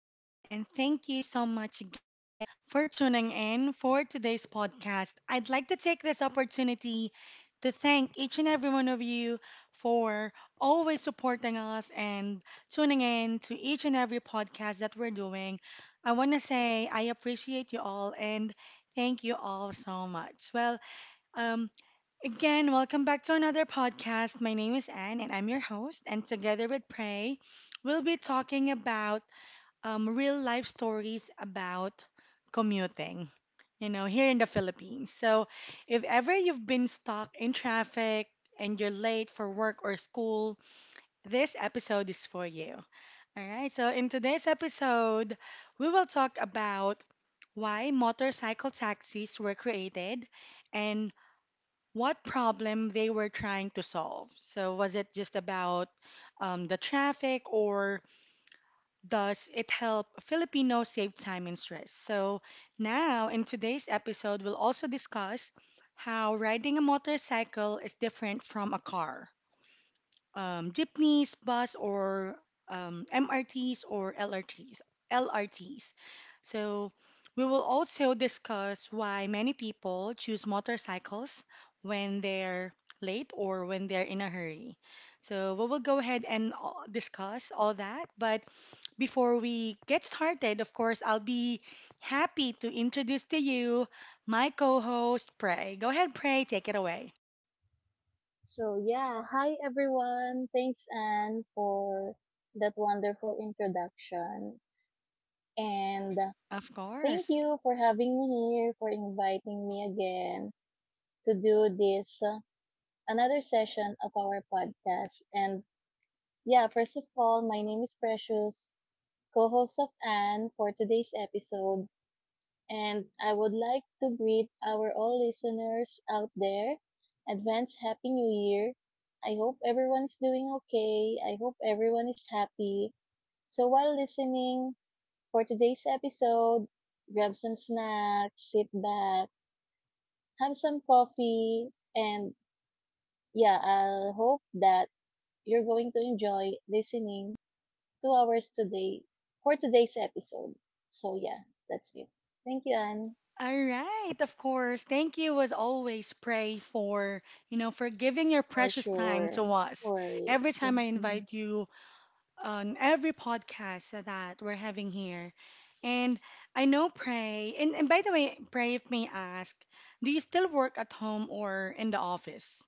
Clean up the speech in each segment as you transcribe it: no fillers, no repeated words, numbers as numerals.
everyone, and thank you so much again for tuning in for today's podcast. I'd like to take this opportunity to thank each and every one of you for always supporting us and tuning in to each and every podcast that we're doing. I want to say I appreciate you all and thank you all so much. Well, um, welcome back to another podcast. My name is Anne and I'm your host. And together with Prey, we'll be talking about real life stories about commuting, you know, here in the Philippines. So, if ever you've been stuck in traffic and you're late for work or school, this episode is for you. All right, so in today's episode, we will talk about why motorcycle taxis were created and what problem they were trying to solve. So, was it just about the traffic, or does it help Filipinos save time and stress? So, now in today's episode, we'll also discuss how riding a motorcycle is different from a car, jeepneys, bus, or MRTs or LRTs. So we will also discuss why many people choose motorcycles when they're late or when they're in a hurry. So we will go ahead and discuss all that. But before we get started, of course, I'll be happy to introduce to you my co-host, Prey. Go ahead, Prey, take it away. So yeah, hi everyone. Thanks Anne for that wonderful introduction. And Of thank course. you for having me here, for inviting me again to do this another session of our podcast. And yeah, first of all, my name is Precious, co-host of Anne for today's episode. And I would like to greet our all listeners out there. Advance Happy New Year. I hope everyone's doing okay. I hope everyone is happy. So while listening for today's episode, grab some snacks, sit back, have some coffee, and yeah, I hope that you're going to enjoy listening to ours today for today's episode. So yeah, that's it. Thank you, Anne. All right, of course. Thank you as always, Pray, for, you know, for giving your For precious time sure. to No us. Every worries. time I Mhm. invite you on every podcast that we're having here. And I know Pray, and by the way, Pray, if may ask, do you still work at home or in the office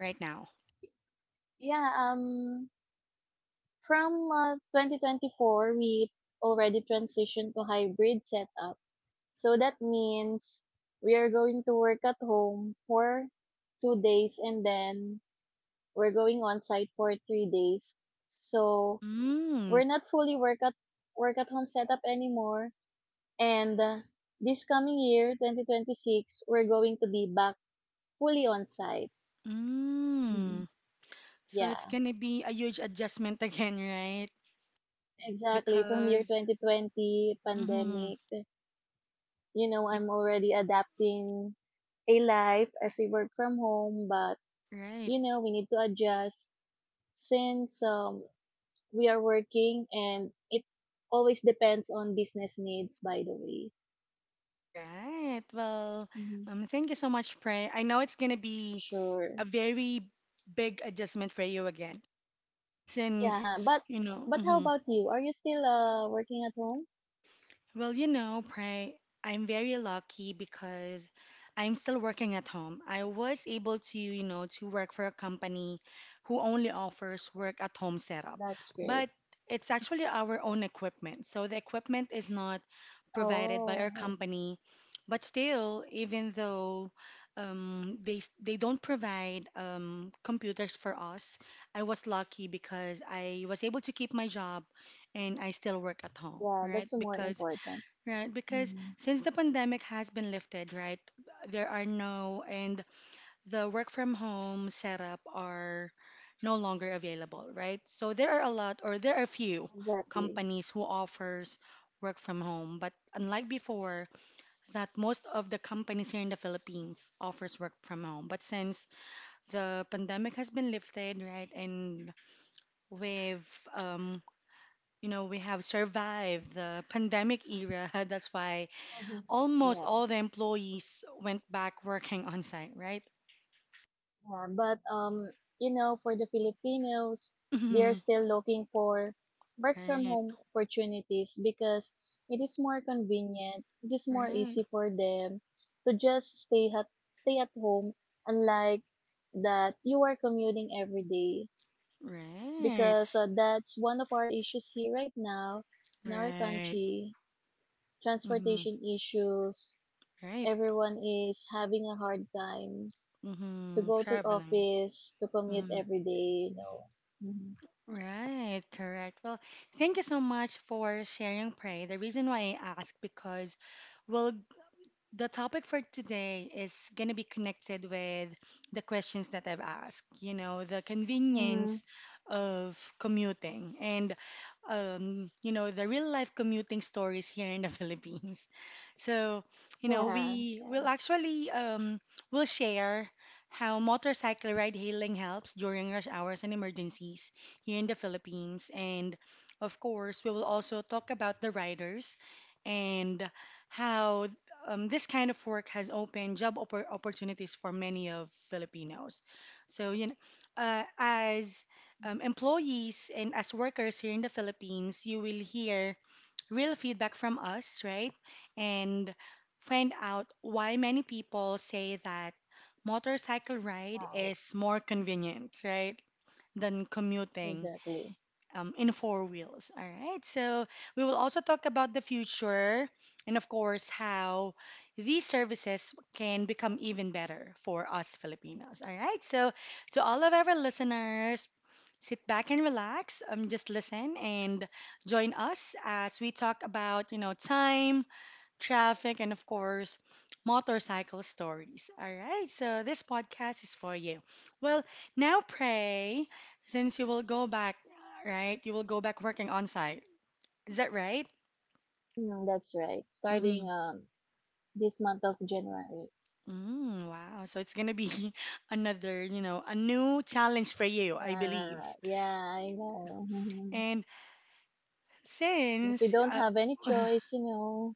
right now? Yeah, from 2024 we already transitioned to hybrid setup. So that means we are going to work at home for 2 days and then we're going on site for 3 days. So Mm, we're not fully work at home setup anymore and this coming year 2026 we're going to be back fully on site. Mhm. mm. So it's Yeah. gonna be a huge adjustment again, right? Exactly. From year Because, 2020 mm-hmm, pandemic, you know, be, I'm already adapting a life as we work from home, but right. you know, we need to adjust since we are working and it always depends on business needs by the way. Right. Well, hmm thank you so much, Prey. I know it's gonna For be sure. a very big adjustment for you again, since Yeah, but you know. but how Mhm. about you? Are you still working at home? Well, you know, Pray, I'm very lucky because I'm still working at home. I was able to, you know, to work for a company who only offers work at home setup. That's great. But it's actually our own equipment. So the equipment is not provided by our Oh, I see. company. But still, even though they don't provide computers for us, I was lucky because I was able to keep my job and I still work at home, Yeah, right? that's more Because important. right, because hmm since the pandemic has been lifted, right, there are no, and the work from home setup are no longer available, right? So there are a lot, or there are few Exactly. companies who offers work from home, but unlike before, that most of the companies here in the Philippines offers work from home. But since the pandemic has been lifted, right, and we've um, you know, we have survived the pandemic era. That's why hmm almost Yeah. all the employees went back working on site, right? Yeah, but you know, for the Filipinos, they're Mhm. still looking for work from Right, home opportunities because it is more convenient, it is more right, easy for them to just stay at home, unlike that you are commuting every day right, because that's one of our issues here right now in our right, country, mm-hmm, transportation issues. right, Everyone is having a hard time to mm-hmm, go to traveling. office, to commute Mm-hmm. every day, you know. Mhm. Right, correct. Well, thank you so much for sharing, Pray. The reason why I ask because we'll the topic for today is going to be connected with the questions that I've asked, you know, the Mm-hmm. convenience of commuting and, you know, the real life commuting stories here in the Philippines. So, you know, Yeah. we Yeah. will actually will share how motorcycle ride hailing helps during rush hours and emergencies here in the Philippines. And of course, we will also talk about the riders and how this kind of work has opened opportunities for many of Filipinos. So, you know, as employees and as workers here in the Philippines, you will hear real feedback from us, right? And find out why many people say that motorcycle ride Right. is more convenient, right, than commuting Exactly. In four wheels. All right. So we will also talk about the future and, of course, how these services can become even better for us Filipinos. All right. So to all of our listeners, sit back and relax. Just listen and join us as we talk about, you know, time traffic, and of course, motorcycle stories. All right, so this podcast is for you. Well, now pray, since you will go back, right? You will go back working on site. Is that right? Mm, that's right. Mm-hmm. Starting this month of January. Mm, wow. So it's gonna be another, you know, a new challenge for you, I Uh, believe. yeah, I know. And But we since, don't have any choice, you know.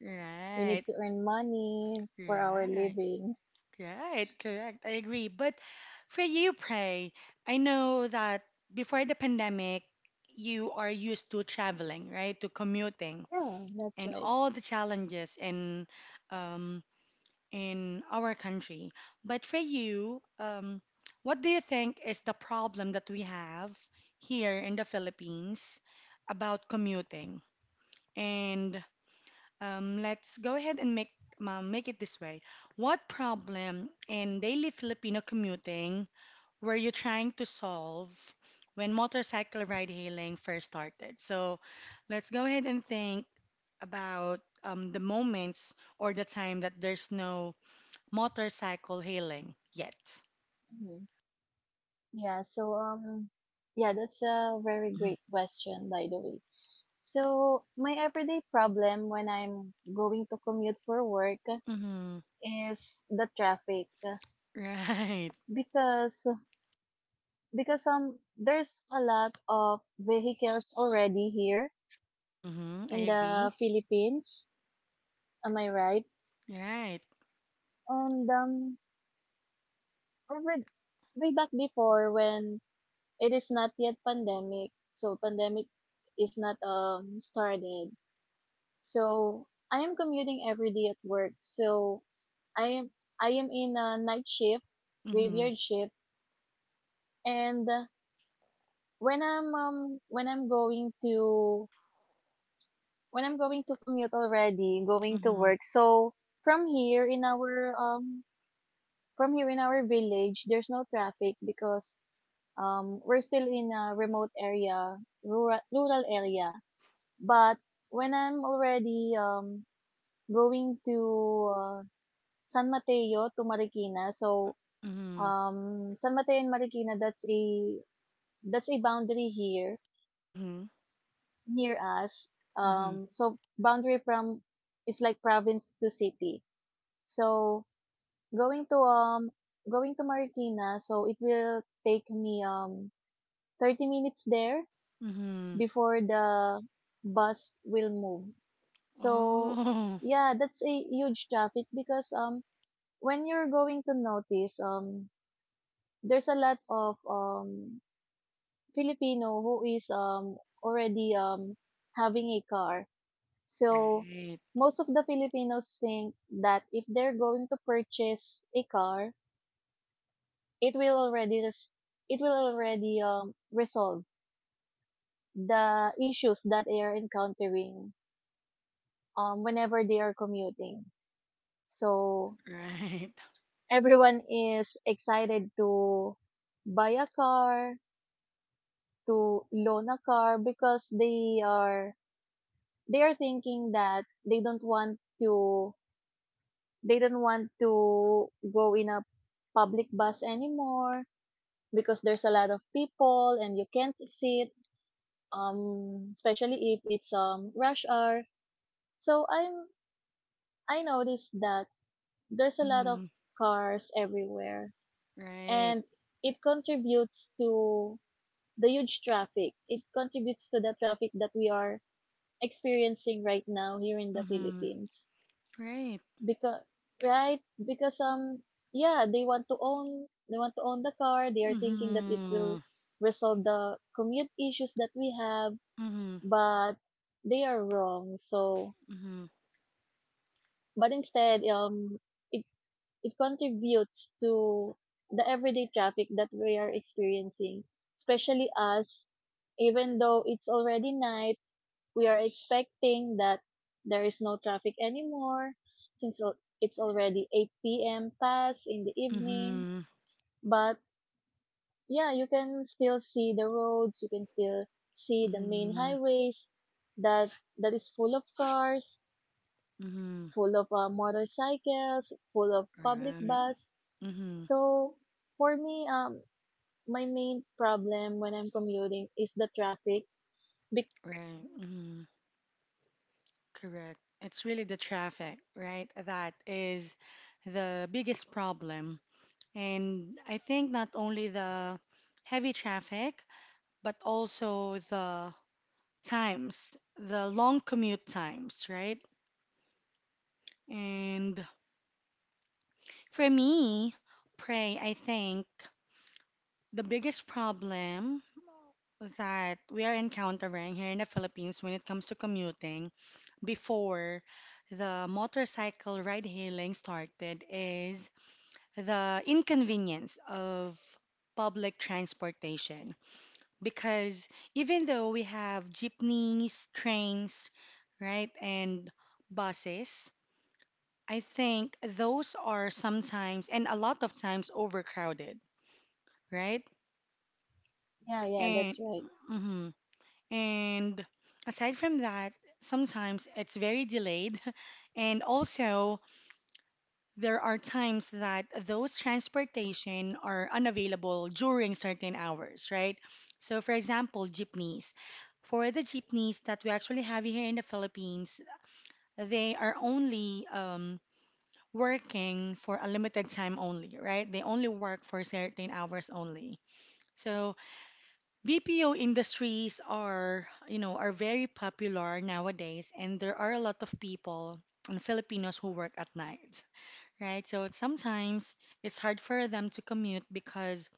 We right, need to earn money for our right. living. Right, correct. I agree. But for you, Prey, I know that before the pandemic, you are used to traveling, right? To commuting Yeah, that's and right. all the challenges um, in our country. But for you, what do you think is the problem that we have here in the Philippines about commuting? And let's go ahead and make make it this way. What problem in daily Filipino commuting were you trying to solve when motorcycle ride hailing first started? So let's go ahead and think about the moments or the time that there's no motorcycle hailing yet. Yeah, so um yeah, that's a very Mm-hmm. great question by the way. So my everyday problem when I'm going to commute for work Mm-hmm. is the traffic Right. because because there's a lot of vehicles already here Mm-hmm. I in the agree. Philippines. Am I right? Right. And over way back before when it is not yet pandemic, so pandemic is not started. So I am commuting every day at work. So I am I am in a night shift, Mm-hmm. graveyard shift, and when I'm going to when I'm going to commute already, going to Mm-hmm. work. So from here in our um from here in our village, there's no traffic because we're still in a remote area, rural area. But when I'm already going to San Mateo to Marikina. So, Mm-hmm. San Mateo and Marikina, that's a boundary here Mm-hmm. near us. Mm-hmm. So boundary from is like province to city. So going to um going to Marikina, so it will take me 30 minutes there Mm-hmm. before the bus will move. So Oh. yeah, that's a huge traffic because when you're going to notice there's a lot of Filipino who is already having a car. So Right, most of the Filipinos think that if they're going to purchase a car, it will already resolve the issues that they are encountering whenever they are commuting. So right. everyone is excited to buy a car, to loan a car because they are thinking that they don't want to go in a public bus anymore because there's a lot of people and you can't sit especially if it's rush hour, so i'm I noticed that there's a lot of Mm-hmm. cars everywhere Right. and it contributes to it contributes to the traffic that we are experiencing right now here in the Mm-hmm. Philippines Right. because, right, because yeah, they want to own the car. They are thinking that it will Mm-hmm. resolve the commute issues that we have, Mm-hmm. but they are wrong. so Mm-hmm. but instead um it it contributes to the everyday traffic that we are experiencing, especially us. Even though it's already night, we are expecting that there is no traffic anymore since it's already 8 p.m. past in the evening. Mm-hmm. But yeah, you can still see the roads, you can still see the main Mm-hmm. highways that is full of cars, Mm-hmm. full of motorcycles, full of public Right. bus. Mm-hmm. So for me, my main problem when I'm commuting is the traffic. Bec- Right. Mm-hmm. Correct. It's really the traffic, right? That is the biggest problem. And I think not only the heavy traffic, but also the times, the long commute times, right? And for me, pray, I think the biggest problem that we are encountering here in the Philippines when it comes to commuting before the motorcycle ride hailing started is the inconvenience of public transportation. Because even though we have jeepneys, trains, right, and buses, I think those are sometimes and a lot of times overcrowded, right? yeah, yeah, And that's right. mhm. And aside from that, sometimes it's very delayed, and also there are times that those transportation are unavailable during certain hours, right? So, for example, jeepneys. For the jeepneys that we actually have here in the Philippines, they are only working for a limited time only, right? They only work for certain hours only. So BPO industries are, you know, are very popular nowadays, and there are a lot of people and Filipinos who work at night, right? So sometimes it's hard for them to commute because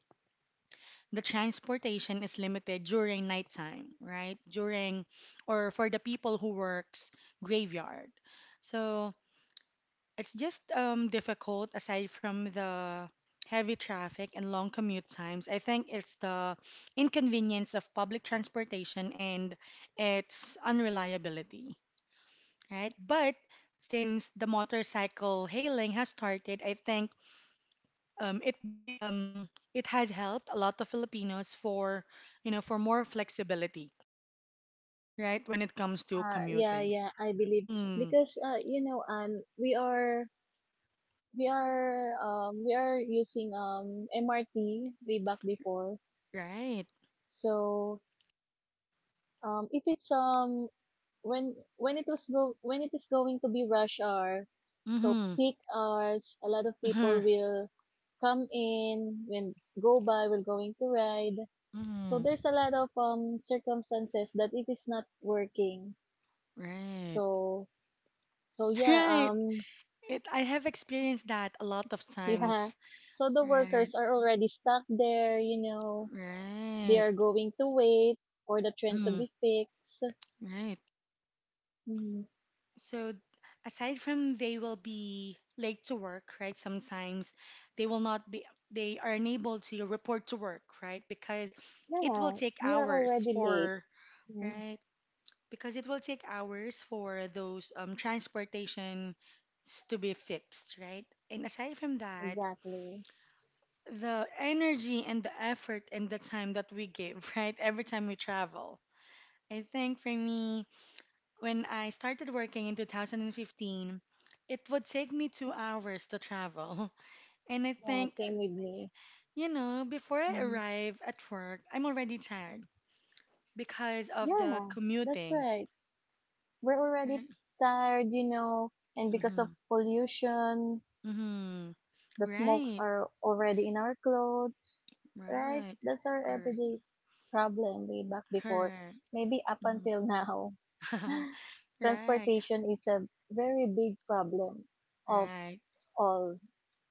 the transportation is limited during nighttime, right? During or for the people who works graveyard. So it's just difficult aside from the heavy traffic and long commute times. I think it's the inconvenience of public transportation and its unreliability, right? But since the motorcycle hailing has started, I think it has helped a lot of Filipinos for, you know, for more flexibility, right, when it comes to Uh, yeah, commuting. yeah, I believe Mm-hmm. because you know, and we are using MRT way back before. Right. So if it's when it is going to be rush hour, so Mm-hmm. peak hours, a lot of people will come in when go by we're going to ride. Mm-hmm. So Mm-hmm. there's a lot of circumstances that it is not working. Right. So so yeah, Right. um It, I have experienced that a lot of Yeah. times. So the Right. workers are already stuck there, you know. They Right. are going to wait for the train to Mm-hmm. be fixed. Right. Mhm. So aside from they will be late to work, right? Sometimes they will not be, they are unable to report to work, right? Because it will Yeah, take we are hours already late. for, Mm, right? Because it will take hours for those transportations to be fixed, right? And aside from that, exactly. the energy and the effort and the time that we give, right? Every time we travel. I think for me, when I started working in 2015, it would take me 2 hours to travel. And I Yeah, think, same with me. you know, before I hmm arrive at work, I'm already tired because of the Yeah, that's commuting, right. We're already right? tired, you know, and because of Mm-hmm. pollution, Mm-hmm. the smokes Right. are already in our clothes, right? Right. That's our Correct. everyday problem way back before, Correct. maybe up Mhm. until now. Right. Transportation is a very big problem of Right. all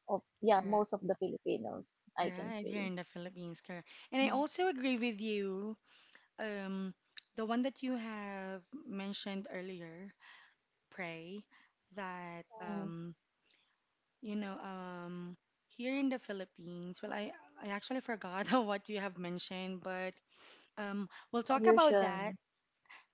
of yeah, Right. most of the Filipinos, I can Right, here say. in the Philippines, correct. And I Mm. also agree with you. Um, the one that you have mentioned earlier, pray that Mm, you know, here in the Philippines. Well, I actually forgot what you have mentioned, but we'll talk about that pollution.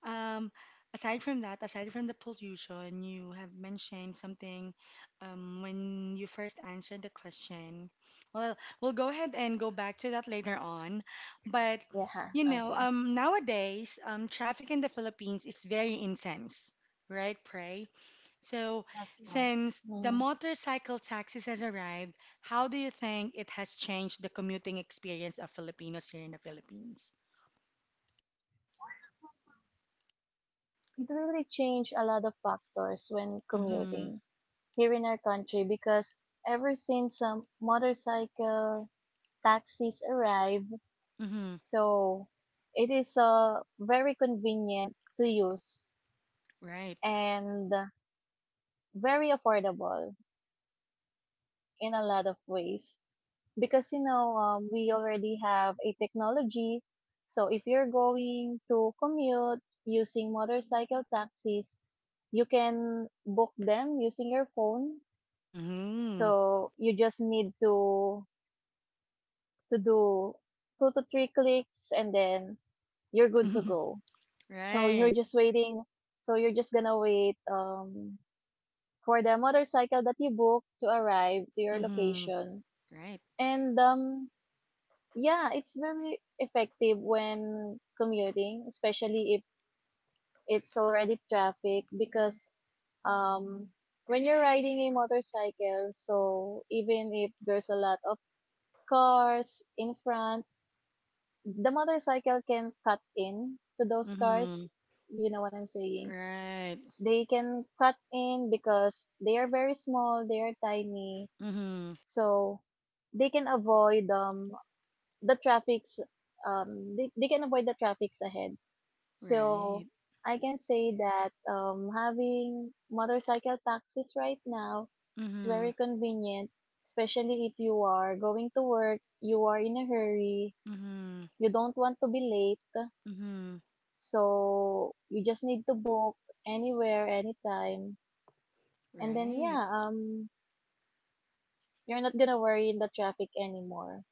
um, aside from that, aside from the pollution, you have mentioned something when you first answered the question. Well, we'll go ahead and go back to that later on. But, Yeah, you know, okay. Nowadays, traffic in the Philippines is very intense, right, Pray? So, That's right. since the Mm. motorcycle taxis has arrived, how do you think it has changed the commuting experience of Filipinos here in the Philippines? It really changed a lot of factors when Mm-hmm. commuting here in our country because ever since motorcycle taxis arrived, Mm-hmm. so it is very convenient to use Right. and very affordable in a lot of ways because you know we already have a technology. So if you're going to commute using motorcycle taxis, you can book them using your phone. Mm-hmm. So you just need to do two to three clicks and then you're good to go. So you're Right. just waiting. So you're just gonna wait for the motorcycle that you booked to arrive to your Mm-hmm. location. Right. And yeah, it's very effective when commuting, especially if it's already traffic because um, when you're riding a motorcycle, so even if there's a lot of cars in front, the motorcycle can cut in to those cars. Mm-hmm. You know what I'm saying? Right. They can cut in because they are very small, they are tiny, Mm-hmm. so they can avoid the traffics they can avoid the traffics ahead. So Right. I can say that having motorcycle taxis right now is Mm-hmm. very convenient, especially if you are going to work, you are in a hurry, Mm-hmm. you don't want to be late. Mm-hmm. So you just need to book anywhere, anytime. And then Right. yeah, you're not gonna worry in the traffic anymore.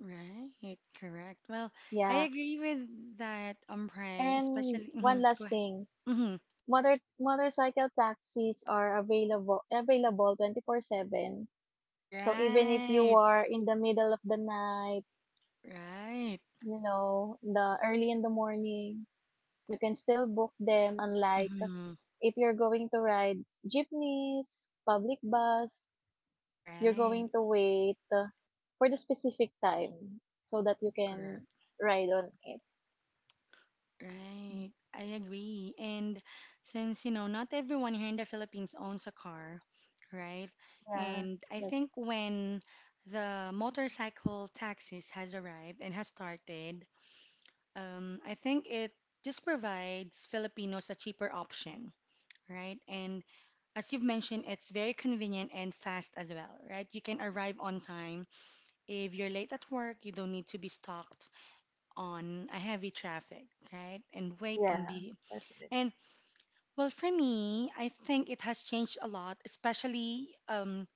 Right. Correct. Well, I Yeah. agree with that, Pray, And especially. Mm-hmm. one Go last ahead. thing. Mm-hmm. Motorcycle taxis are available 24/7. So even if you Right. are in the middle of the night, Right. you know, the early in the morning, you can still book them, unlike Mm-hmm. if you're going to ride jeepneys, public bus, you're Right. going to wait for the specific time so that you can Correct. ride on it. Right, I agree. And since, you know, not everyone here in the Philippines owns a car, right? Yeah, And I that's think when the motorcycle taxis has arrived and has started, I think it just provides Filipinos a cheaper option, right? And as you've mentioned, it's very convenient and fast as well, right? You can arrive on time. If you're late at work, you don't need to be stopped on a heavy traffic, right? And wait and yeah, be that's right. and for me, I think it has changed a lot, especially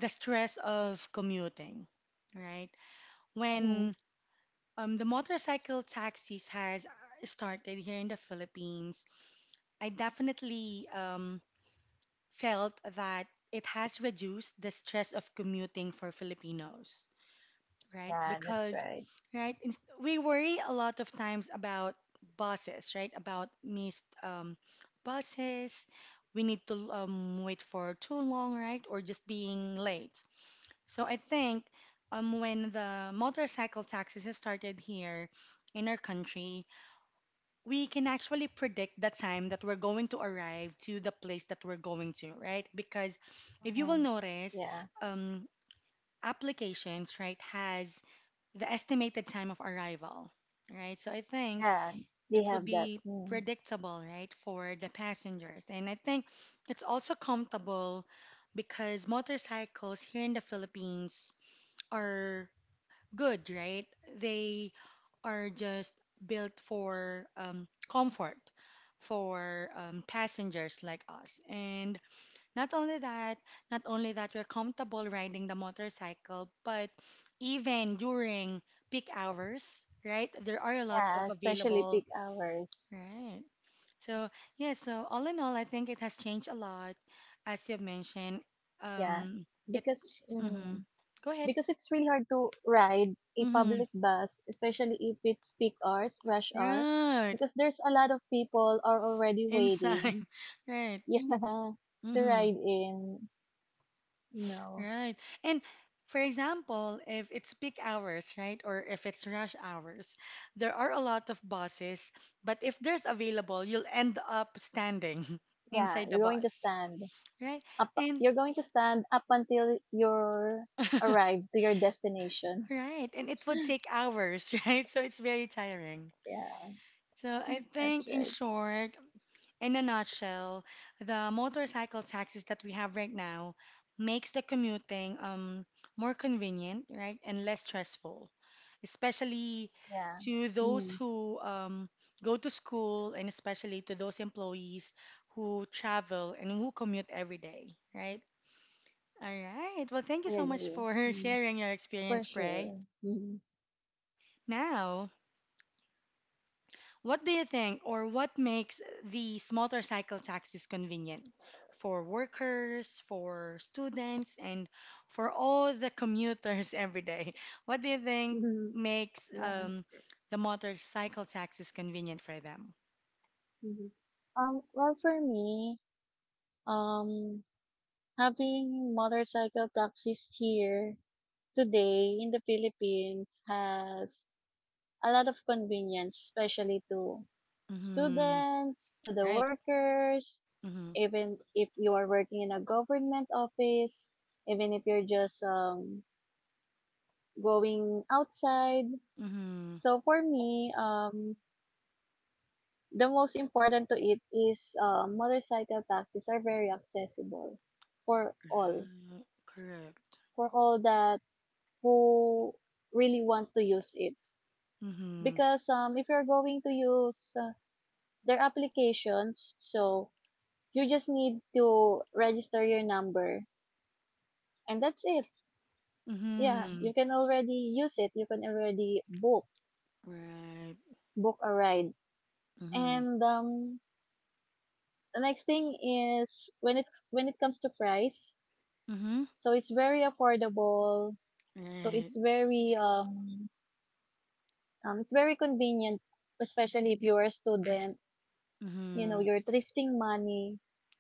the stress of commuting, right? hmm When the motorcycle taxis has started here in the Philippines, I definitely felt that it has reduced the stress of commuting for Filipinos. Right? Yeah, that's Because, right. right, we worry a lot of times about buses, right? About missed buses. We need to wait for too long, right? Or just being late. So I think when the motorcycle taxis has started here in our country, we can actually predict the time that we're going to arrive to the place that we're going to, right? Because if you will hmm notice, Yeah, um, applications, right, has the estimated time of arrival, right? So I think yeah, they it would have that. be Mm. predictable, right, for the passengers. And I think it's also comfortable because motorcycles here in the Philippines are good, right? They are just built for comfort for passengers like us. And not only that, not only that you're comfortable riding the motorcycle, but even during peak hours, right? There are a lot Yeah, of especially available, peak hours. right? So, yeah, so all in all, I think it has changed a lot, as you've Yeah, mentioned. Um, because it, mm, mm-hmm. because Go it's ahead. really hard to ride a public Mm-hmm. bus, especially if it's peak hours, rush hour, Right. because there's a lot of people are already Inside. waiting. Right. Yeah, to Mm-hmm. ride in. No. Right. And for example, if it's peak hours, right, or if it's rush hours, there are a lot of buses, but if there's available, you'll end up standing Yeah, inside the you're going to bus, stand right? up. And You're going to stand up until you're arrived to your destination. right, and it would take hours, right? So it's very tiring. Yeah, So I that's think in right. short, in a nutshell, the motorcycle taxis that we have right now makes the commuting more convenient, right, and less stressful, especially Yeah. to those Mm, who go to school and especially to those employees who travel and who commute every day, right? All right. Well, thank you I so much agree. for Mm, sharing your for experience, Prey. sure. Mm, Now, what do you think, or what makes these motorcycle taxis convenient for workers, for students, and for all the commuters every day? What do you mhm. think Mm-hmm. makes Yeah. The motorcycle taxis convenient for them? Mhm. Well, for me, um, having motorcycle taxis here today in the Philippines has a lot of convenience, especially to Mm-hmm. students, to the Right. workers, Mm-hmm. even if you are working in a government office, even if you're just going outside. Mm-hmm. So for me, the most important to it is motorcycle taxis are very accessible for all, Right. Correct. for all that who really want to use it. Mm-hmm. Because if you're going to use their applications, so you just need to register your number and that's it. Yeah, Mm-hmm. you can already use it. You can already Right. book a ride. Mm-hmm. And the next thing is when it comes to price, Mm-hmm. so it's very affordable. So Right. It's very convenient, especially if you're a student, you know, Mm-hmm. you're thrifting money.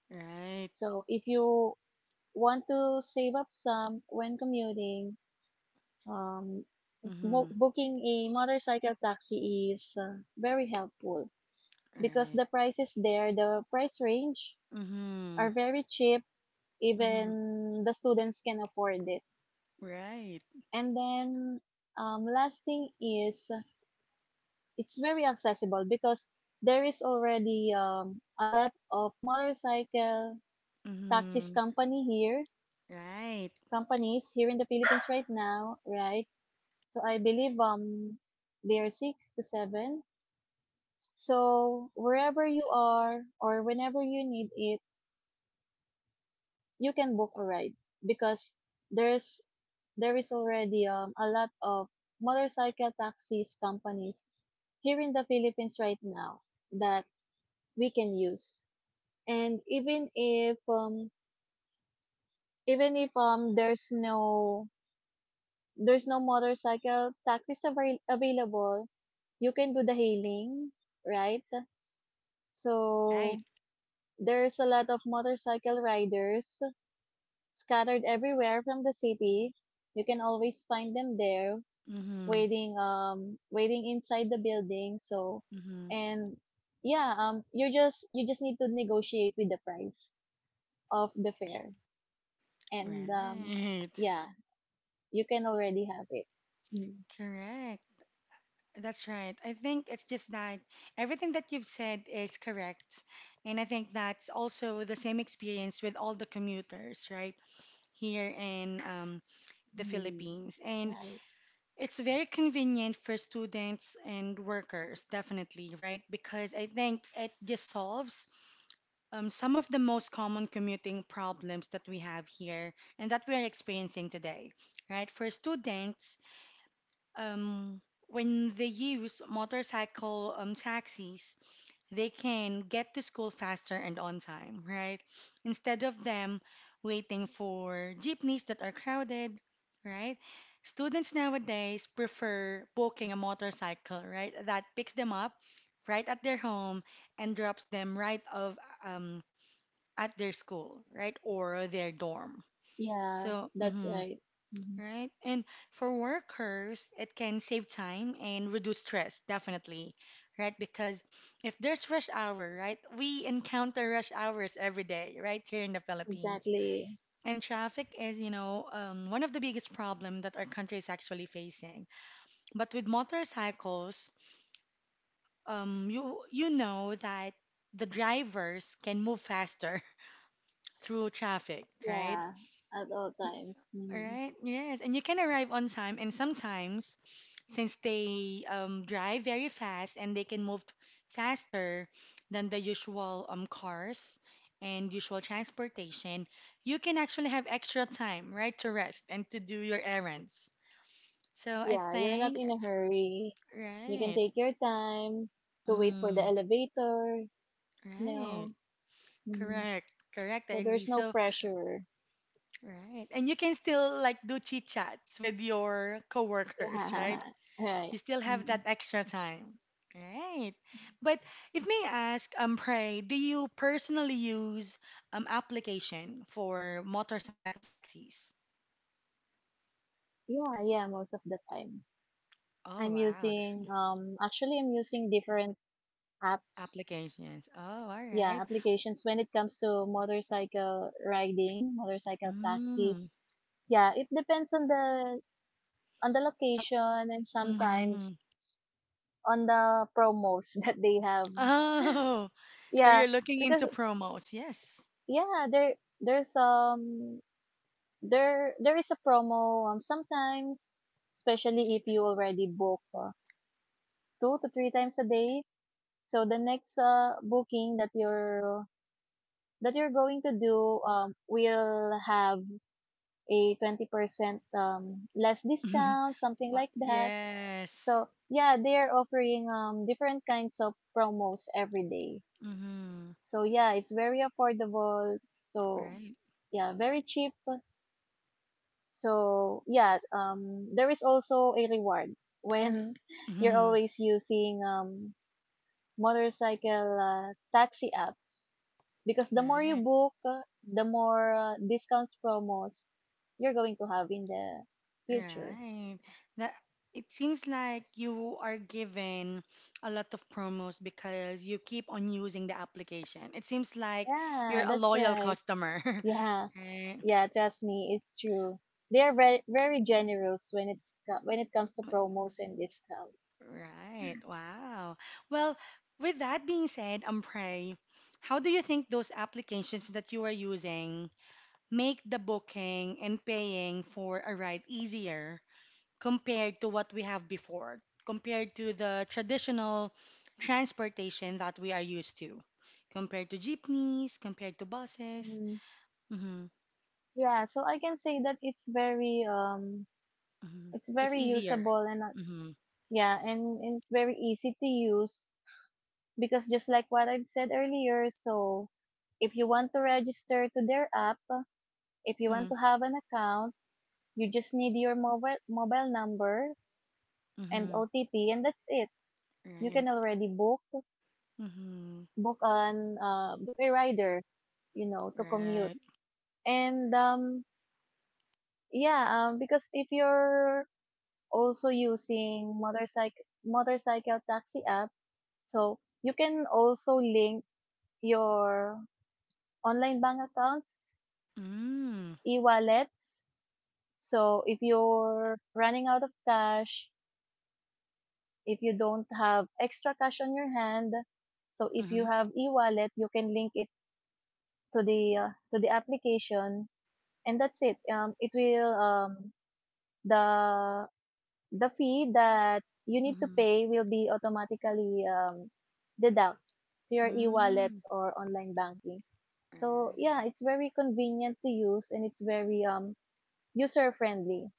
Right. So if you want to save up some when commuting, um Mm-hmm. booking a motorcycle taxi is very helpful because Right. the prices there, the price range Mm-hmm. are very cheap. Mm-hmm. Even the students can afford it. Right. And then, last thing is it's very accessible because there is already a lot of motorcycle taxis Mm-hmm. company here, Right. companies here in the Philippines right now, right? So I believe there are six to seven. So, wherever you are or whenever you need it, you can book a ride because there's there is already a lot of motorcycle taxis companies here in the Philippines right now that we can use. And even if there's no motorcycle taxis available, you can do the hailing, right? Right. So there's a lot of motorcycle riders scattered everywhere from the city. You can always find them there, Mm-hmm. waiting inside the building. So, Mm-hmm. and yeah, you just need to negotiate with the price of the fare, and Right. yeah, you can already have it. Mm. Correct. That's right. I think it's just that everything that you've said is correct. And I think that's also the same experience with all the commuters, right? Here in the Mm, Philippines. And right. it's very convenient for students and workers, definitely, right? Because I think it just solves some of the most common commuting problems that we have here and that we are experiencing today, right? For students, um, when they use motorcycle taxis, they can get to school faster and on time, right? Instead of them waiting for jeepneys that are crowded, right? Students nowadays prefer booking a motorcycle, right? That picks them up right at their home and drops them right off um, at their school, right, or their dorm. Yeah, So, that's mhm, right. Mhm. right? And for workers, it can save time and reduce stress, definitely, right? Because if there's rush hour, right, we encounter rush hours every day, right, here in the Philippines. Exactly. And traffic is, you know, one of the biggest problem that our country is actually facing. But with motorcycles, you know that the drivers can move faster through traffic, right? Yeah, at all times. All Mm. right. Yes, and you can arrive on time. And sometimes, since they drive very fast and they can move faster than the usual cars and usual transportation, you can actually have extra time, right, to rest and to do your errands. So I Yeah, you're not think, in a hurry. You can right. take your time to wait for the Mm, elevator. right. No. Mm. Correct. Correct. I So agree. there's no So, pressure. right. And you can still like do chit chats with your coworkers, Yeah. right? Right. You still have Mm. that extra time. Right. But if may ask, Pray, do you personally use application for motorcycle taxis? Yeah, yeah, most of the time. Oh I'm wow, this using actually I'm using different apps. applications. Oh, all right. Yeah, applications when it comes to motorcycle riding, motorcycle Mm. taxis. Yeah, it depends on the Oh, location and hmm. sometimes on the promos that they have. Oh, so Yeah, you're looking into because promos. Yes. yeah, there there's there there is a promo sometimes, especially if you already book two to three times a day. So the next booking that you're going to do will have a 20% less discount, something Wa- like that. Yes. So yeah, they're offering different kinds of promos every day. Mm-hmm. So yeah, it's very affordable. So Right. yeah, very cheap. So yeah, there is also a reward when you're Mm-hmm. always using motorcycle taxi apps because the more you Right. book, the more discounts promos you're going to have in the future. Right. That it seems like you are given a lot of promos because you keep on using the application. It seems like you're Yeah, a that's loyal right. customer. Yeah, Right. yeah, trust me, it's true. They are very very generous when when it comes to promos and discounts. Right. Wow. Well, with that being said, Pray, how do you think those applications that you are using make the booking and paying for a ride easier compared to what we have before, compared to the traditional transportation that we are used to, compared to jeepneys, compared to buses. Mm, Mm-hmm, yeah, so I can say that it's very mm-hmm. it's It's very easier. usable and not Mm-hmm, yeah, and it's very easy to use because just like what I've said earlier, so if you want to register to their app, if you want mm-hmm, to have an account, you just need your mobile number and mm-hmm. OTP, and that's it. You can Right. already Mm-hmm, book an book a rider, you know, to commute. right. And yeah, because if you're also using motorcycle taxi app. So you can also link your online bank accounts, Mm, e-wallets. So if you're running out of cash, if you don't have extra cash on your hand, so if you mm-hmm, have e-wallet, you can link it to the application, and that's it. It will the the fee that you need to mm-hmm, pay will be automatically deduct to your mm, e-wallets or online banking. So right, yeah, it's very convenient to use and it's very user friendly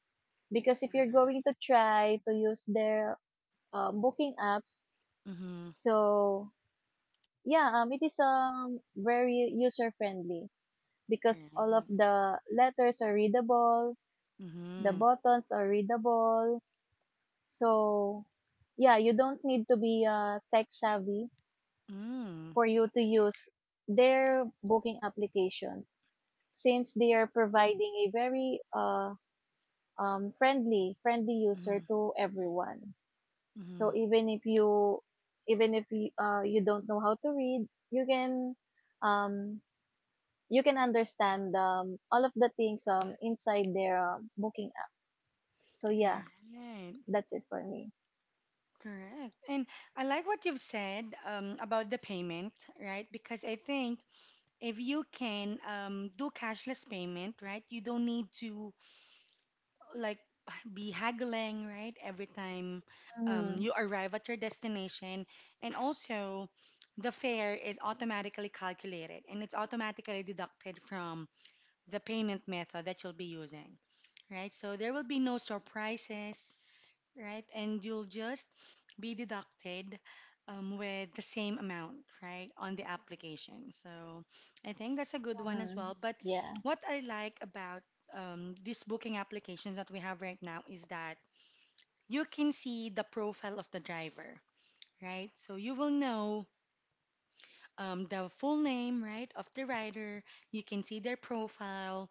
because if you're right. going to try to use their booking apps, Mm-hmm, so yeah, it is very user friendly because all of right. the letters are readable, the Mm-hmm, buttons are readable. So, yeah, you don't need to be tech savvy mm, for you to use their booking applications since they are providing a very friendly mm-hmm, user to everyone. So mm, even if you, you don't know how to read, um, you can understand all of the things inside their booking app. So yeah, right. that's it for me. Correct. And I like what you've said about the payment, right? Because I think if you can do cashless payment, right, you don't need to like be haggling, right, every time Mm-hmm. you arrive at your destination. And also, the fare is automatically calculated and it's automatically deducted from the payment method that you'll be using, right? So there will be no surprises, right? And you'll just be deducted with the same amount, right, on the application. So I think that's a good one as Hmm. well. But Yeah. what I like about these booking applications that we have right now is that you can see the profile of the driver, right? So you will know the full name, right, of the rider. You can see their profile,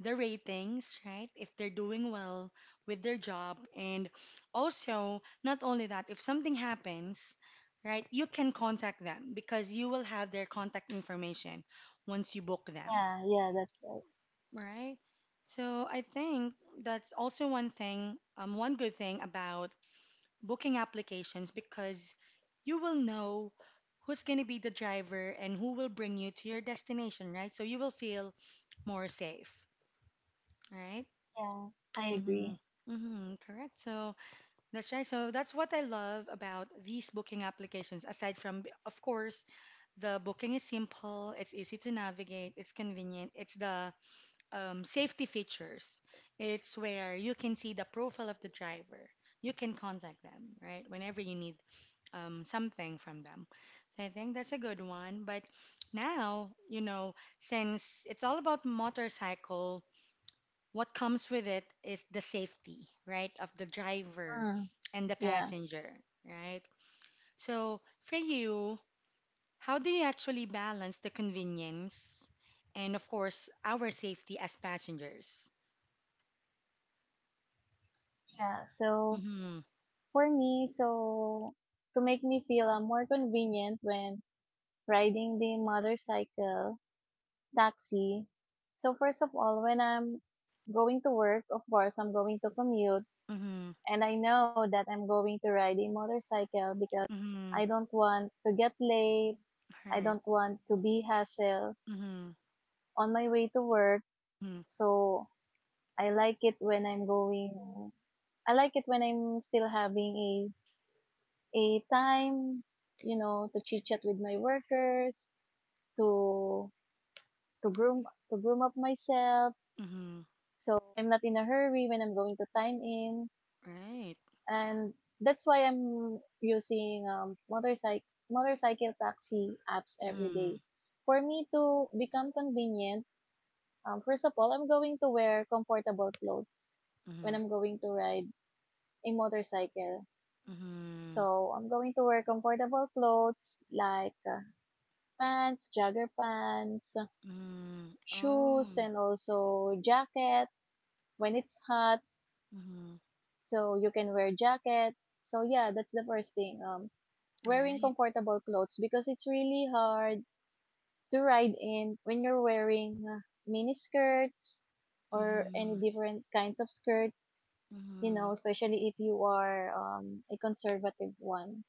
the ratings, right? If they're doing well with their job. And also, not only that, if something happens, right, you can contact them because you will have their contact information once you book them, Yeah, yeah, that's right. right? So I think that's also one thing, one good thing about booking applications because you will know who's going to be the driver and who will bring you to your destination, right? So you will feel more safe, right? Yeah, I Mm-hmm. agree. Mm-hmm. Correct. So that's right. So that's what I love about these booking applications. Aside from, b- of course, the booking is simple, it's easy to navigate, it's convenient, it's the safety features. It's where you can see the profile of the driver. You can contact them, right? Whenever you need something from them. So I think that's a good one. But now, you know, since it's all about motorcycle, what comes with it is the safety, right, of the driver Mm, and the yeah, passenger, right? So, for you, how do you actually balance the convenience and, of course, our safety as passengers? yeah. So Mm-hmm, for me, so to make me feel more convenient when riding the motorcycle taxi. So first of all, when I'm going to work, of course, I'm going to commute, mm-hmm, and I know that I'm going to ride a motorcycle because mm-hmm, I don't want to get late. I right, don't want to be hassled mm-hmm, on my way to work. mm-hmm, So I like it when I'm going I like it when I'm still having a time, you know, to chit chat with my workers, to to groom up myself. mm-hmm, So I'm not in a hurry when I'm going to time in, S- right, and that's why I'm using motorcycle taxi apps every mm-hmm, day. For me to become convenient, first of all, I'm going to wear comfortable clothes when mm-hmm, I'm going to ride a motorcycle. mm-hmm, So I'm going to wear comfortable clothes like pants, jogger pants, mm-hmm, shoes, oh, and also jacket when it's hot. mm-hmm, So you can wear jacket. So yeah, that's the first thing. Wearing right, comfortable clothes because it's really hard to ride in when you're wearing mini skirts or any mm-hmm, different kinds of skirts. You mm-hmm, know, especially if you are a conservative one.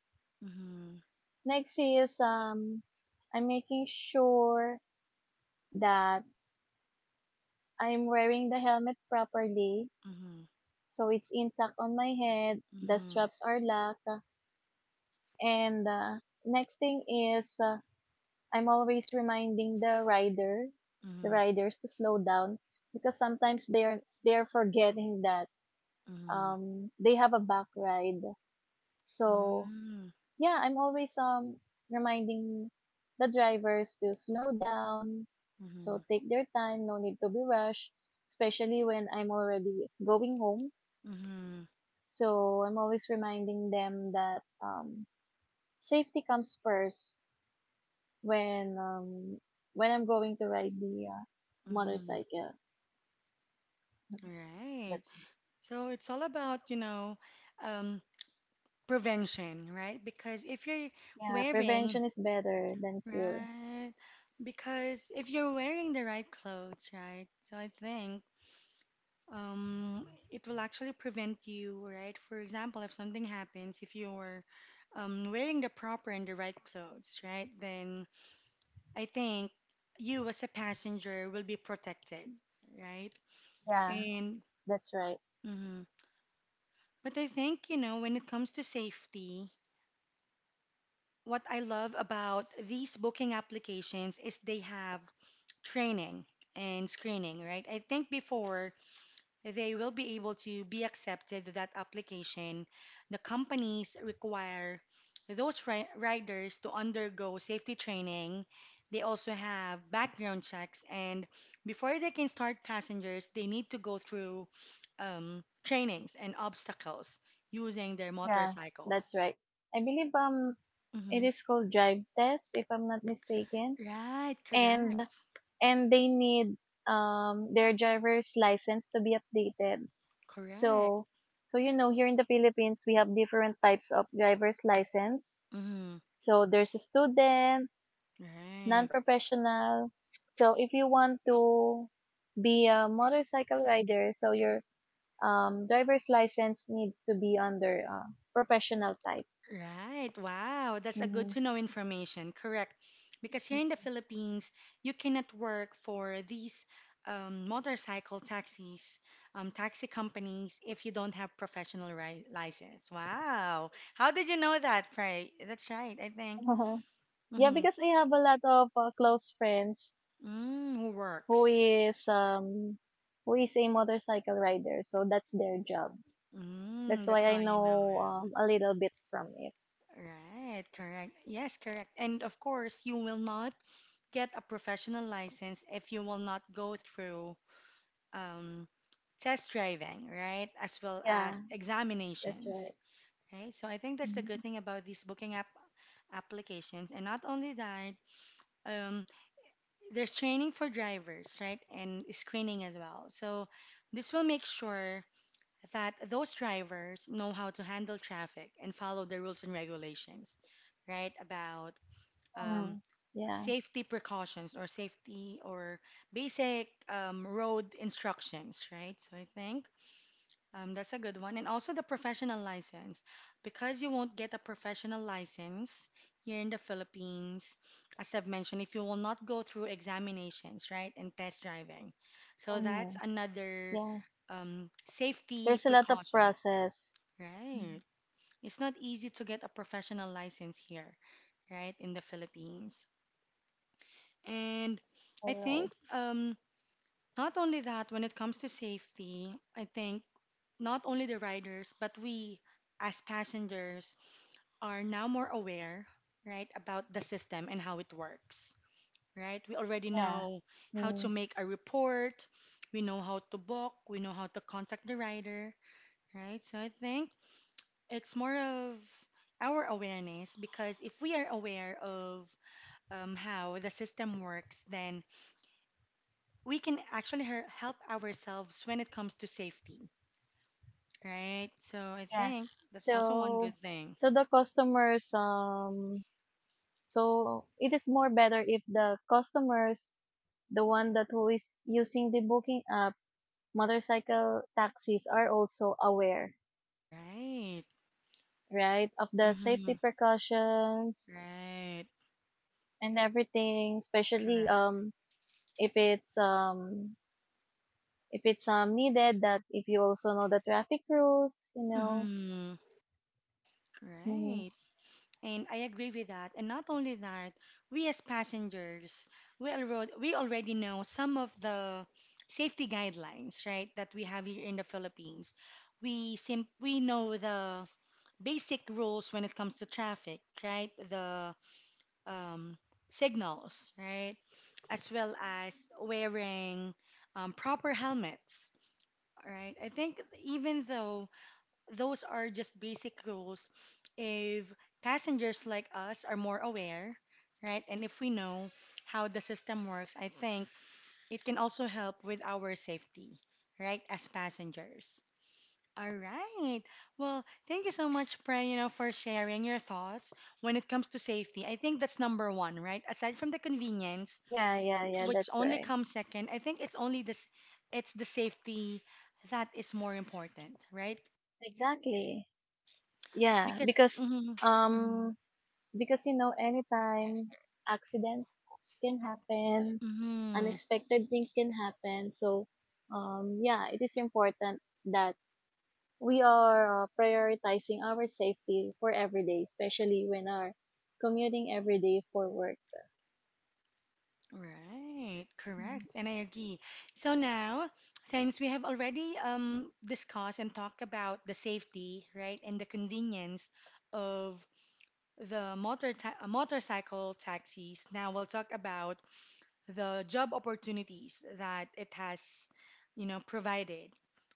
mm-hmm, Next is I'm making sure that I'm wearing the helmet properly mm-hmm, so it's intact on my head, the mm-hmm. straps are locked, and next thing is I'm always reminding the rider, the Mhm, riders to slow down because sometimes they're forgetting that mhm, they have a back ride. So mm, yeah, I'm always reminding the drivers to slow down, so mhm, take their time, no need to be rushed, especially when I'm already going home. mhm, So I'm always reminding them that safety comes first when um when I'm going to ride the mhm. motorcycle. Okay, Right. that's it. So it's all about, you know, um, prevention, right? Because if you're Yeah, wearing, prevention is better than cure. right, because if you're wearing the right clothes, right, so I think it will actually prevent you, right? For example, if something happens, if you're wearing the proper and the right clothes, right, then I think you as a passenger will be protected, right? Yeah, And that's right. mhm. But I think, you know, when it comes to safety, what I love about these booking applications is they have training and screening, right? I think before they will be able to be accepted to that application. The companies require those riders to undergo safety training. They also have background checks, and before they can start passengers, they need to go through trainings and obstacles using their Yeah, motorcycles. that's right. I believe it Hmm. is called drive test, if I'm not mistaken. Right, And correct, and they need their driver's license to be updated. correct. So so you know here in the Philippines we have different types of driver's license. Hmm. So there's a student, Right. non-professional. So if you want to be a motorcycle rider, so your driver's license needs to be under professional type. Right. Wow. That's a good Mm-hmm. to know information. Correct. Because here in the Philippines, you cannot work for these motorcycle taxis, taxi companies if you don't have professional ri license. Wow. How did you know that, Pray? That's right, I think. Yeah, Mm-hmm. because I have a lot of close friends Mm, who who works? is um who is a motorcycle rider, so that's their job. That's Mm, why that's I why you know. know a little bit from it. Yeah. Right. Correct. Yes, correct. And of course, you will not get a professional license if you will not go through um, test driving, right? As well Yeah, as that's examinations, right. right? So I think that's the good Mhm. thing about these booking applications. And not only that, um, there's training for drivers, right? And screening as well. So this will make sure that those drivers know how to handle traffic and follow the rules and regulations, right? About um, Mm, yeah. safety precautions or safety or basic road instructions, right? So I think that's a good one. And also the professional license. Because you won't get a professional license here in the Philippines, as I've mentioned, if you will not go through examinations, right, and test driving. So that's Mm, another yeah. Safety There's a lot of precaution, process. Mm, right? It's not easy to get a professional license here, right, in the Philippines. And I all think right. Not only that, when it comes to safety, I think not only the riders, but we as passengers are now more aware, right, about the system and how it works, right? We already Yeah. know how Mm, to make a report, we know how to book, we know how to contact the rider, right? So I think it's more of our awareness, because if we are aware of how the system works, then we can actually help ourselves when it comes to safety, right? So I yeah. think that's also one So good thing. so the customers so it is more better if the customers the one that who is using the booking app motorcycle taxis are also aware, Right. right, of the Mm-hmm. safety precautions Right. and everything, especially Correct. If it's um if it's needed that if you also know the traffic rules, you know. Mm-hmm. Hmm. Right. And I agree with that. And not only that, we as passengers, we already know some of the safety guidelines, right, that we have here in the Philippines. We know the basic rules when it comes to traffic, right? The um, signals, right? As well as wearing proper helmets. All right. I think even though those are just basic rules, if passengers like us are more aware, right, and if we know how the system works, I think it can also help with our safety, right, as passengers. All right. Well, thank you so much, Prey, you know, for sharing your thoughts when it comes to safety. I think that's number one, right? Aside from the convenience, Yeah, yeah, yeah, which that's only right. comes second, I think it's only this it's the safety that is more important, right? Exactly. Yeah, Because mhm, um because you know anytime accident can happen, mhm, unexpected things can happen. So yeah, it is important that we are prioritizing our safety for every day, especially when are commuting every day for work. right, correct. Mhm. And I agree. So now, since we have already discussed and talked about the safety, right, and the convenience of the motorcycle taxis, now we'll talk about the job opportunities that it has, you know, provided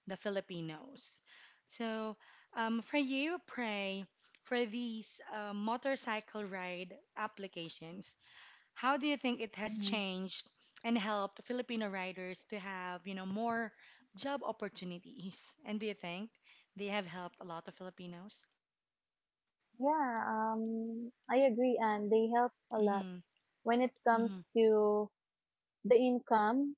the Filipinos. So, for you, Pray, for these motorcycle ride applications, how do you think it has Mhm. changed and helped Filipino riders to have, you know, more job opportunities? And do you think they have helped a lot of Filipinos? Yeah, I agree, and they help a lot Mm-hmm, when it mm-hmm, comes to the income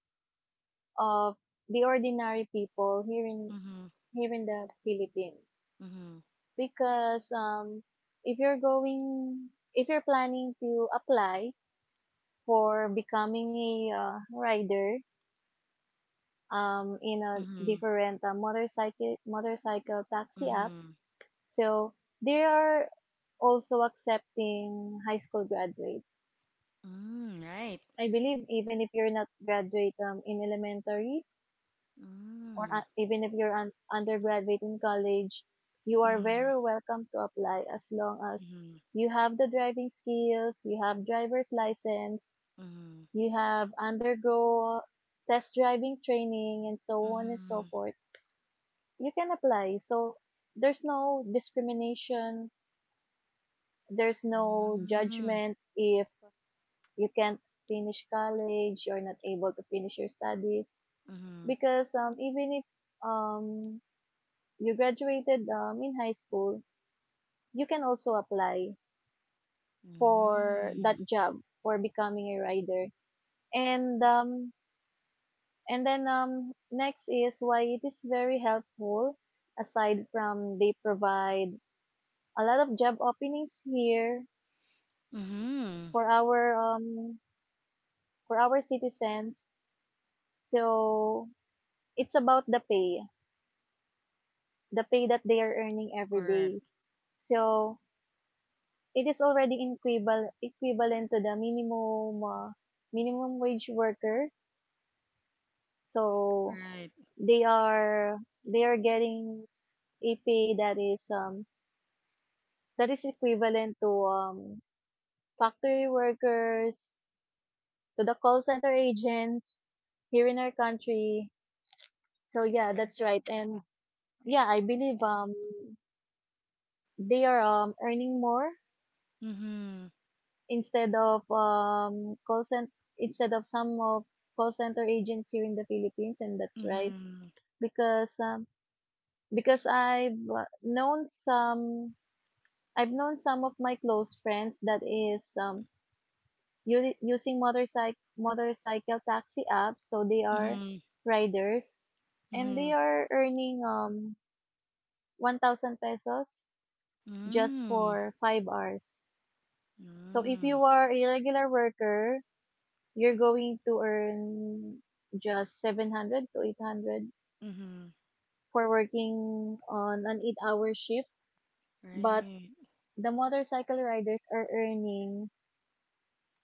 of the ordinary people mm-hmm, here in the Philippines. mm-hmm, Because if you're going, if you're planning to apply for becoming a rider, in a mm-hmm, different motorcycle taxi apps. mm-hmm. So they are also accepting high school graduates. mm, right. I believe even if you're not graduate in elementary or Mm. even if you're an undergraduate in college, you are Mhm, very welcome to apply as long as mhm, you have the driving skills, you have driver's license, mhm, you have undergo test driving training and so on and so mhm, forth you can apply. So there's no discrimination, there's no judgment if you can't finish college, you're not able to finish your studies. mhm, Because even if um, you graduated in high school, you can also apply for that mhm, job for becoming a rider. And um, and then next is why it is very helpful aside from they provide a lot of job openings here mhm. mhm. for our um for our citizens. So it's about the pay that they are earning every Correct. day. So it is already equivalent to the minimum wage worker. So Right. they are they are getting a pay that is equivalent to factory workers, to the call center agents here in our country. So yeah, that's right. And yeah, I believe they are earning more Mhm, instead of call center instead of some of call center agents here in the Philippines, and that's right mhm, because um because I've known some of my close friends that is using motorcycle taxi apps, so they are mhm, riders and they mhm, are earning 1,000 pesos just mhm, for 5 hours. So if mhm. you are a regular worker, you're going to earn just 700 to 800 mhm. for working on an 8-hour shift, but Right. the motorcycle riders are earning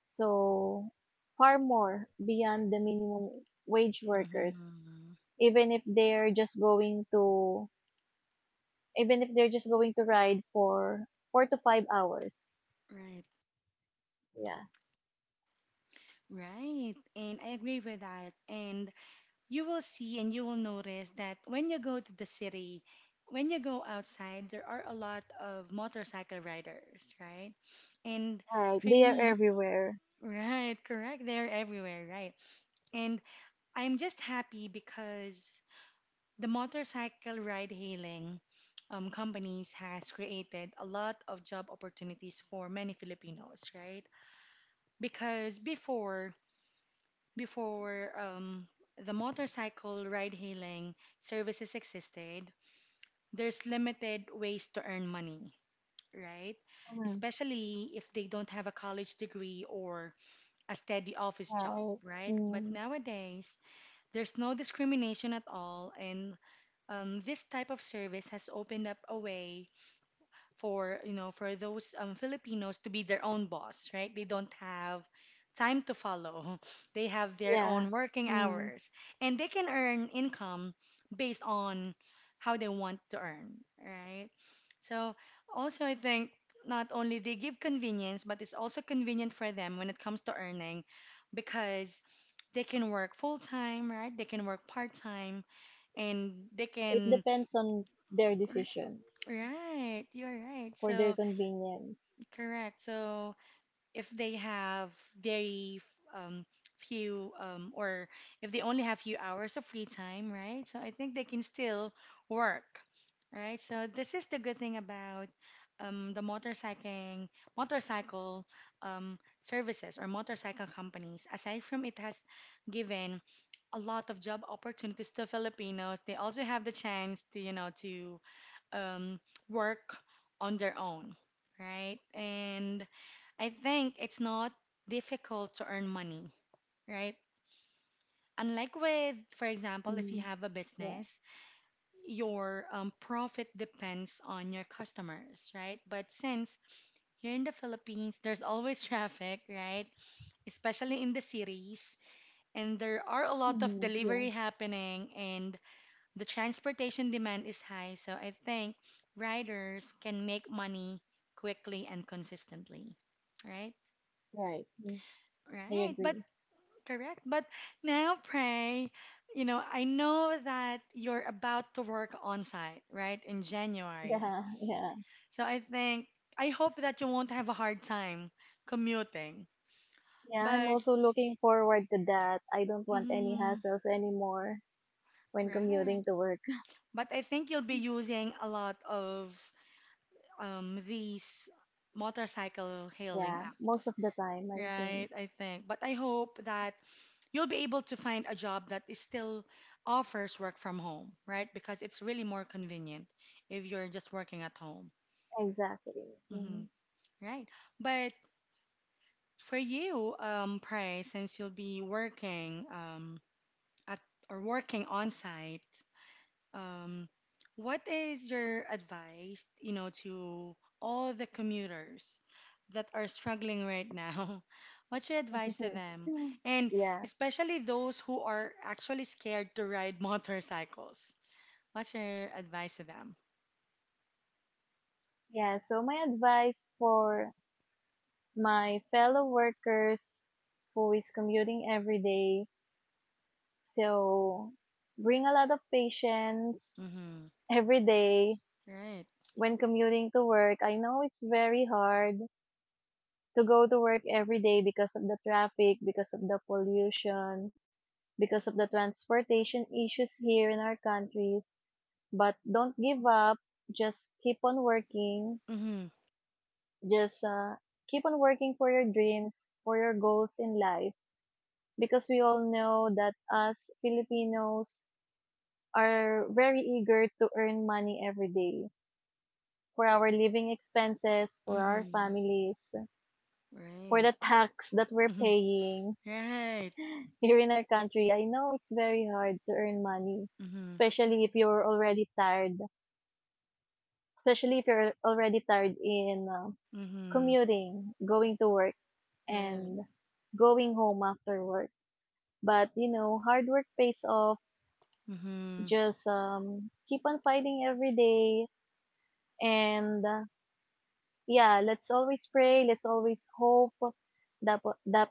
so far more beyond the minimum wage workers Mhm. even if they're just going to even if they're just going to ride for 4 to 5 hours. Right. Yeah. Right. And I agree with that. And you will see and you will notice that when you go to the city, when you go outside, there are a lot of motorcycle riders, right? And Right. for They are me, everywhere. right, correct, they're everywhere, right? And I'm just happy because the motorcycle ride hailing companies has created a lot of job opportunities for many Filipinos, right? Because before, Before the motorcycle ride-hailing services existed, there's limited ways to earn money, right? Mm, Especially if they don't have a college degree or a steady office job, right. right? Mm, But nowadays, there's no discrimination at all, and this type of service has opened up a way for you know for those Filipinos to be their own boss, right? They don't have time to follow. They have their yeah. own working Mm. hours, and they can earn income based on how they want to earn, right? So also I think not only they give convenience, but it's also convenient for them when it comes to earning because they can work full time, right? They can work part time and they Yeah, it can depends on their decision right, you're right. for their So convenience. correct. So if they have very um, few or if they only have few hours of free time, right? So I think they can still work, right? So this is the good thing about um, the motorcycling, motorcycle services or motorcycle companies. Aside from it has given a lot of job opportunities to Filipinos, they also have the chance to, you know, to um, work on their own, right? And I think it's not difficult to earn money, right? Unlike with, for example, if you Mm, have a yeah. business, your profit depends on your customers, right? But since here in the Philippines, there's always traffic, right? Especially in the cities, and there are a lot of delivery Yeah. happening, and the transportation demand is high, so I think riders can make money quickly and consistently. Right? Right. Mm, I Right. But agree. correct. But now, Pray, you know, I know that you're about to work on site, right, in January. Yeah. Yeah. So I think, I hope that you won't have a hard time commuting. Yeah. I'm But, also looking forward to that. I don't want any mm, hassles anymore when right. commuting to work. But I think you'll be using a lot of these motorcycle hailing Yeah. Most apps, of the time, I think. right? I think. But I hope that you'll be able to find a job that is still offers work from home, right? Because it's really more convenient if you're just working at home. Exactly. hmm Mm. right. But for you, Pray, since you'll be working at or working on site, Um, what is your advice, you know, to all the commuters that are struggling right now? What's your advice to them? Mm. And Yeah. especially those who are actually scared to ride motorcycles. What's your advice to them? Yeah. So my advice for my fellow workers who is commuting every day. So, bring a lot of patience Mm-hmm. every day Right. when commuting to work. I know it's very hard to go to work every day because of the traffic, because of the pollution, because of the transportation issues here in our countries. But don't give up. Just keep on working. Mm-hmm. Just keep on working for your dreams, for your goals in life. Because we all know that as Filipinos, are very eager to earn money every day for our living expenses, for our Mm-hmm. families, for Right. the tax that we're Mm-hmm. paying Right. here in our country. I know it's very hard to earn money, Mm-hmm. especially if you're already tired, especially if you're already tired in Mm-hmm. commuting, going to work, and Right. going home after work. But you know, hard work pays off. Mm-hmm. Just keep on fighting every day and yeah, let's always pray, let's always hope that that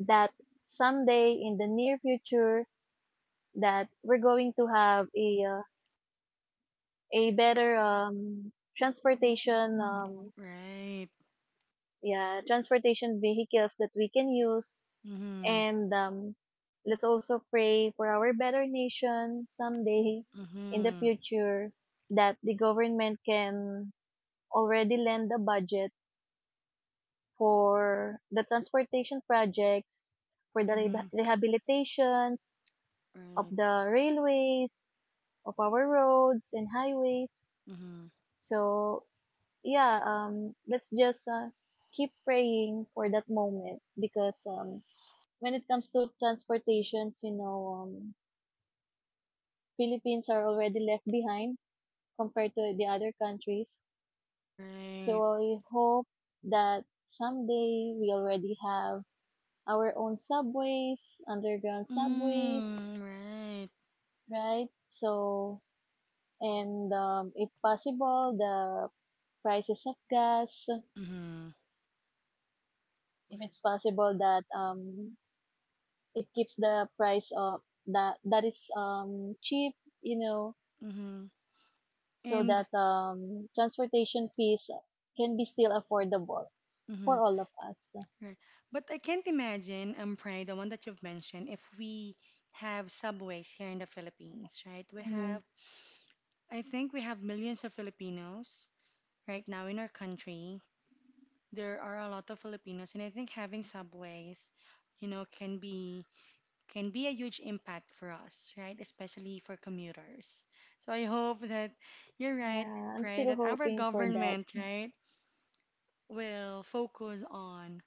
that someday in the near future that we're going to have a better transportation Right. yeah, transportation vehicles that we can use Mm-hmm. and let's also pray for our better nation someday in the Mm-hmm. future that the government can already lend a budget for the transportation projects, for the Mm-hmm. rehabilitations of Right. the railways, of our roads and highways. Mm-hmm. So, yeah, let's just keep praying for that moment because when it comes to transportations, you know, Philippines are already left behind compared to the other countries. So Right. I hope that someday we already have our own subways, underground subways, Mm, right. right? So, and if possible, the prices of gas, Mm-hmm. if it's possible that it keeps the price of that is cheap, you know, Mm-hmm. so And that transportation fees can be still affordable mm-hmm. for all of us. Right. But I can't imagine, Pray, the one that you've mentioned, if we have subways here in the Philippines, right? We Mhm. have, I think we have millions of Filipinos right now in our country. There are a lot of Filipinos, and I think having subways, you know, can be a huge impact for us, right? Especially for commuters. So I hope that you're right, Yeah, I'm right? still That our hoping for that. government, right, will focus on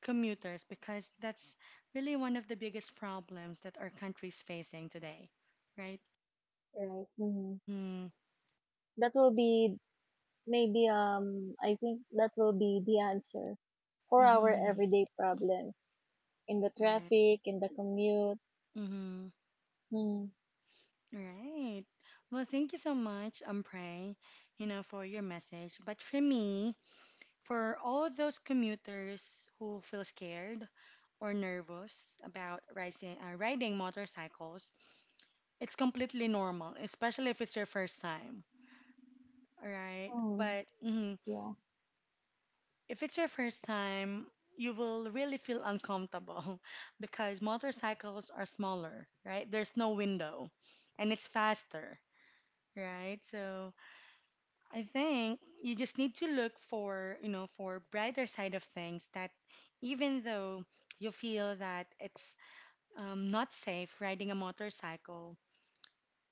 commuters because that's really one of the biggest problems that our country is facing today, right? Right. Mhm. Mm-hmm. That will be Maybe I think that will be the answer for our Mm-hmm. everyday problems in the Right. traffic, in the commute. Mm-hmm. Hmm. Right. Well, thank you so much, Ampre, you know, for your message. But for me, for all those commuters who feel scared or nervous about riding motorcycles, it's completely normal, especially if it's your first time, all right? Mm, But mhm, yeah. if it's your first time, you will really feel uncomfortable because motorcycles are smaller, right? There's no window and it's faster, right? So I think you just need to look for, you know, for brighter side of things that even though you feel that it's not safe riding a motorcycle,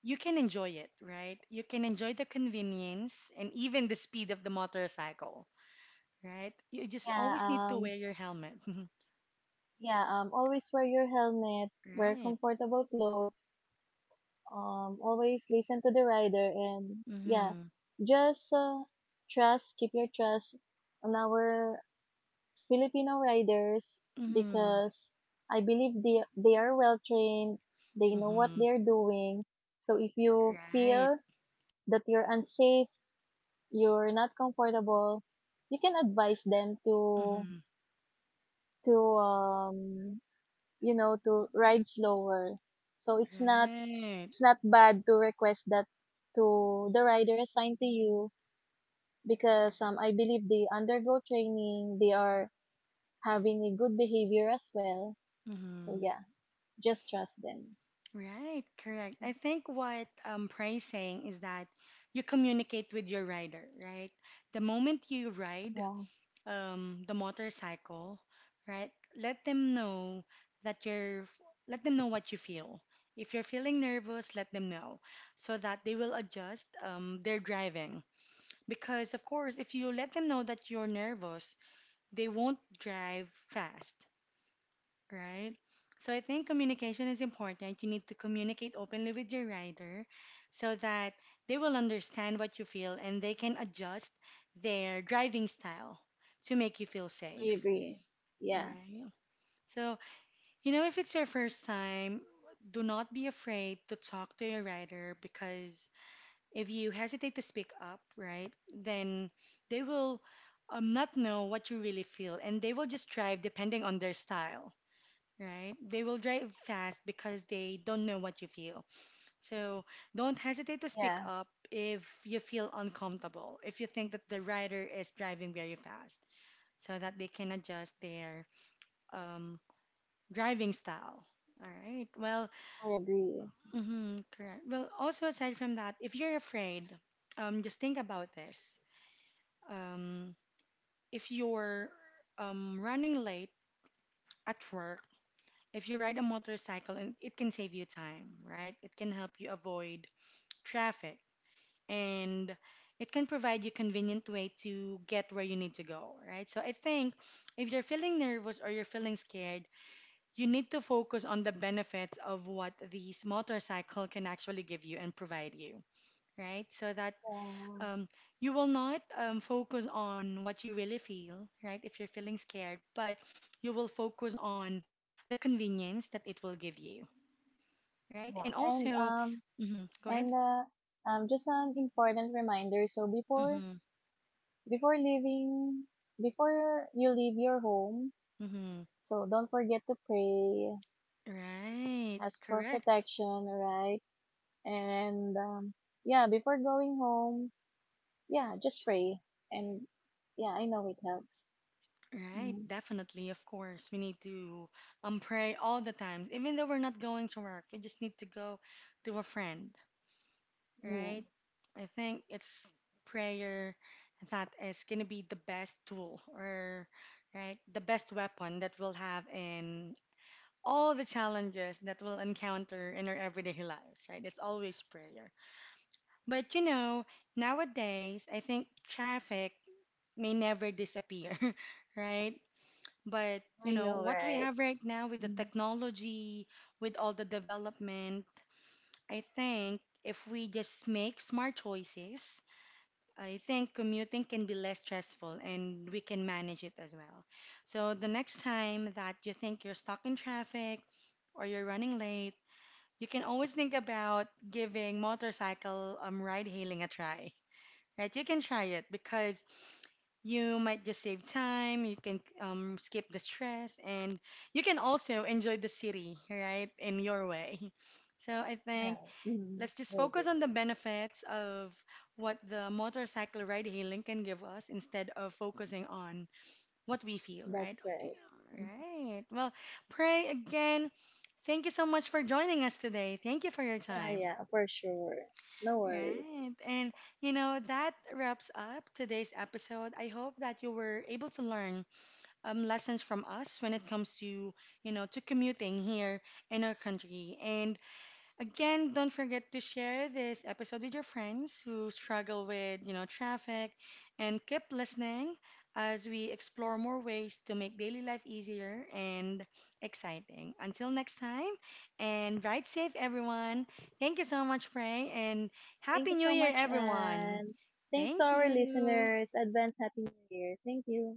you can enjoy it, right? You can enjoy the convenience and even the speed of the motorcycle, right? You just Yeah, always need to um wear your helmet. yeah, always wear your helmet, wear Right? comfortable clothes, always listen to the rider and yeah, Mm-hmm. just trust, keep your trust on our Filipino riders Mm-hmm. because I believe they are well trained, they know what Mm-hmm. they're doing. So if you Right. feel that you're unsafe, you're not comfortable, you can advise them to Mm-hmm. to um you know to ride slower. So it's not Right. Bad to request that to the rider assigned to you because I believe they undergo training, they are having a good behavior as well. So Mm-hmm. yeah. Just trust them. Right, correct. I think what Pray's saying is that you communicate with your rider, right? The moment you ride Yeah. The motorcycle, right, let them know that let them know what you feel. If you're feeling nervous, let them know so that they will adjust their driving. Because, of course, if you let them know that you're nervous, they won't drive fast, right? So I think communication is important. You need to communicate openly with your rider so that they will understand what you feel and they can adjust their driving style to make you feel I safe, agree. Yeah. right? So, you know, if it's your first time, do not be afraid to talk to your rider because if you hesitate to speak up, right, then they will not know what you really feel and they will just drive depending on their style, right? They will drive fast because they don't know what you feel. So don't hesitate to speak Yeah. up if you feel uncomfortable, if you think that the rider is driving very fast, so that they can adjust their um, driving style. All right. Well, I agree. Correct. Well, also aside from that, if you're afraid, just think about this. Um, if you're running late at work, if you ride a motorcycle, and it can save you time, right? It can help you avoid traffic and it can provide you convenient way to get where you need to go, right? So I think if you're feeling nervous or you're feeling scared, you need to focus on the benefits of what these motorcycle can actually give you and provide you, right? So that Yeah. um, you will not focus on what you really feel, right? If you're feeling scared, but you will focus on the convenience that it will give you, right? And Yeah. Also, mhm, go ahead. And Just an important reminder. So hmm before leaving before you leave your home, hmm so don't forget to pray, Right, ask for correct. protection, right? And yeah, before going home, yeah, just pray. And yeah, I know it helps. Right, Mm. definitely, of course. We need to pray all the times. Even though we're not going to work, we just need to go to a friend, Yeah. right? I think it's prayer that is gonna be the best tool or right, the best weapon that we'll have in all the challenges that we'll encounter in our everyday lives, right? It's always prayer. But you know, nowadays, I think traffic may never disappear, right? But you I know, know, what we right? have right now with the technology, with all the development, I think if we just make smart choices, I think commuting can be less stressful and we can manage it as well. So the next time that you think you're stuck in traffic or you're running late, you can always think about giving motorcycle ride hailing a try. Right, you can try it because you might just save time, you can skip the stress, and you can also enjoy the city, right, in your way. So I think Yeah. Mhm. let's just Maybe. focus on the benefits of what the motorcycle ride hailing can give us instead of focusing on what we feel, right? That's Yeah, right. right. Well, Pray, again, thank you so much for joining us today. Thank you for your Yeah, time. yeah, for sure. No worries. Right. And you know, that wraps up today's episode. I hope that you were able to learn lessons from us when it comes to, you know, to commuting here in our country. And again, don't forget to share this episode with your friends who struggle with, you know, traffic and keep listening as we explore more ways to make daily life easier and exciting. Until next time, and ride safe, everyone. Thank you so much, Pray, and Thank Happy you New so Year, much, everyone. and thanks to Thank our you. listeners. Advance Happy New Year. Thank you.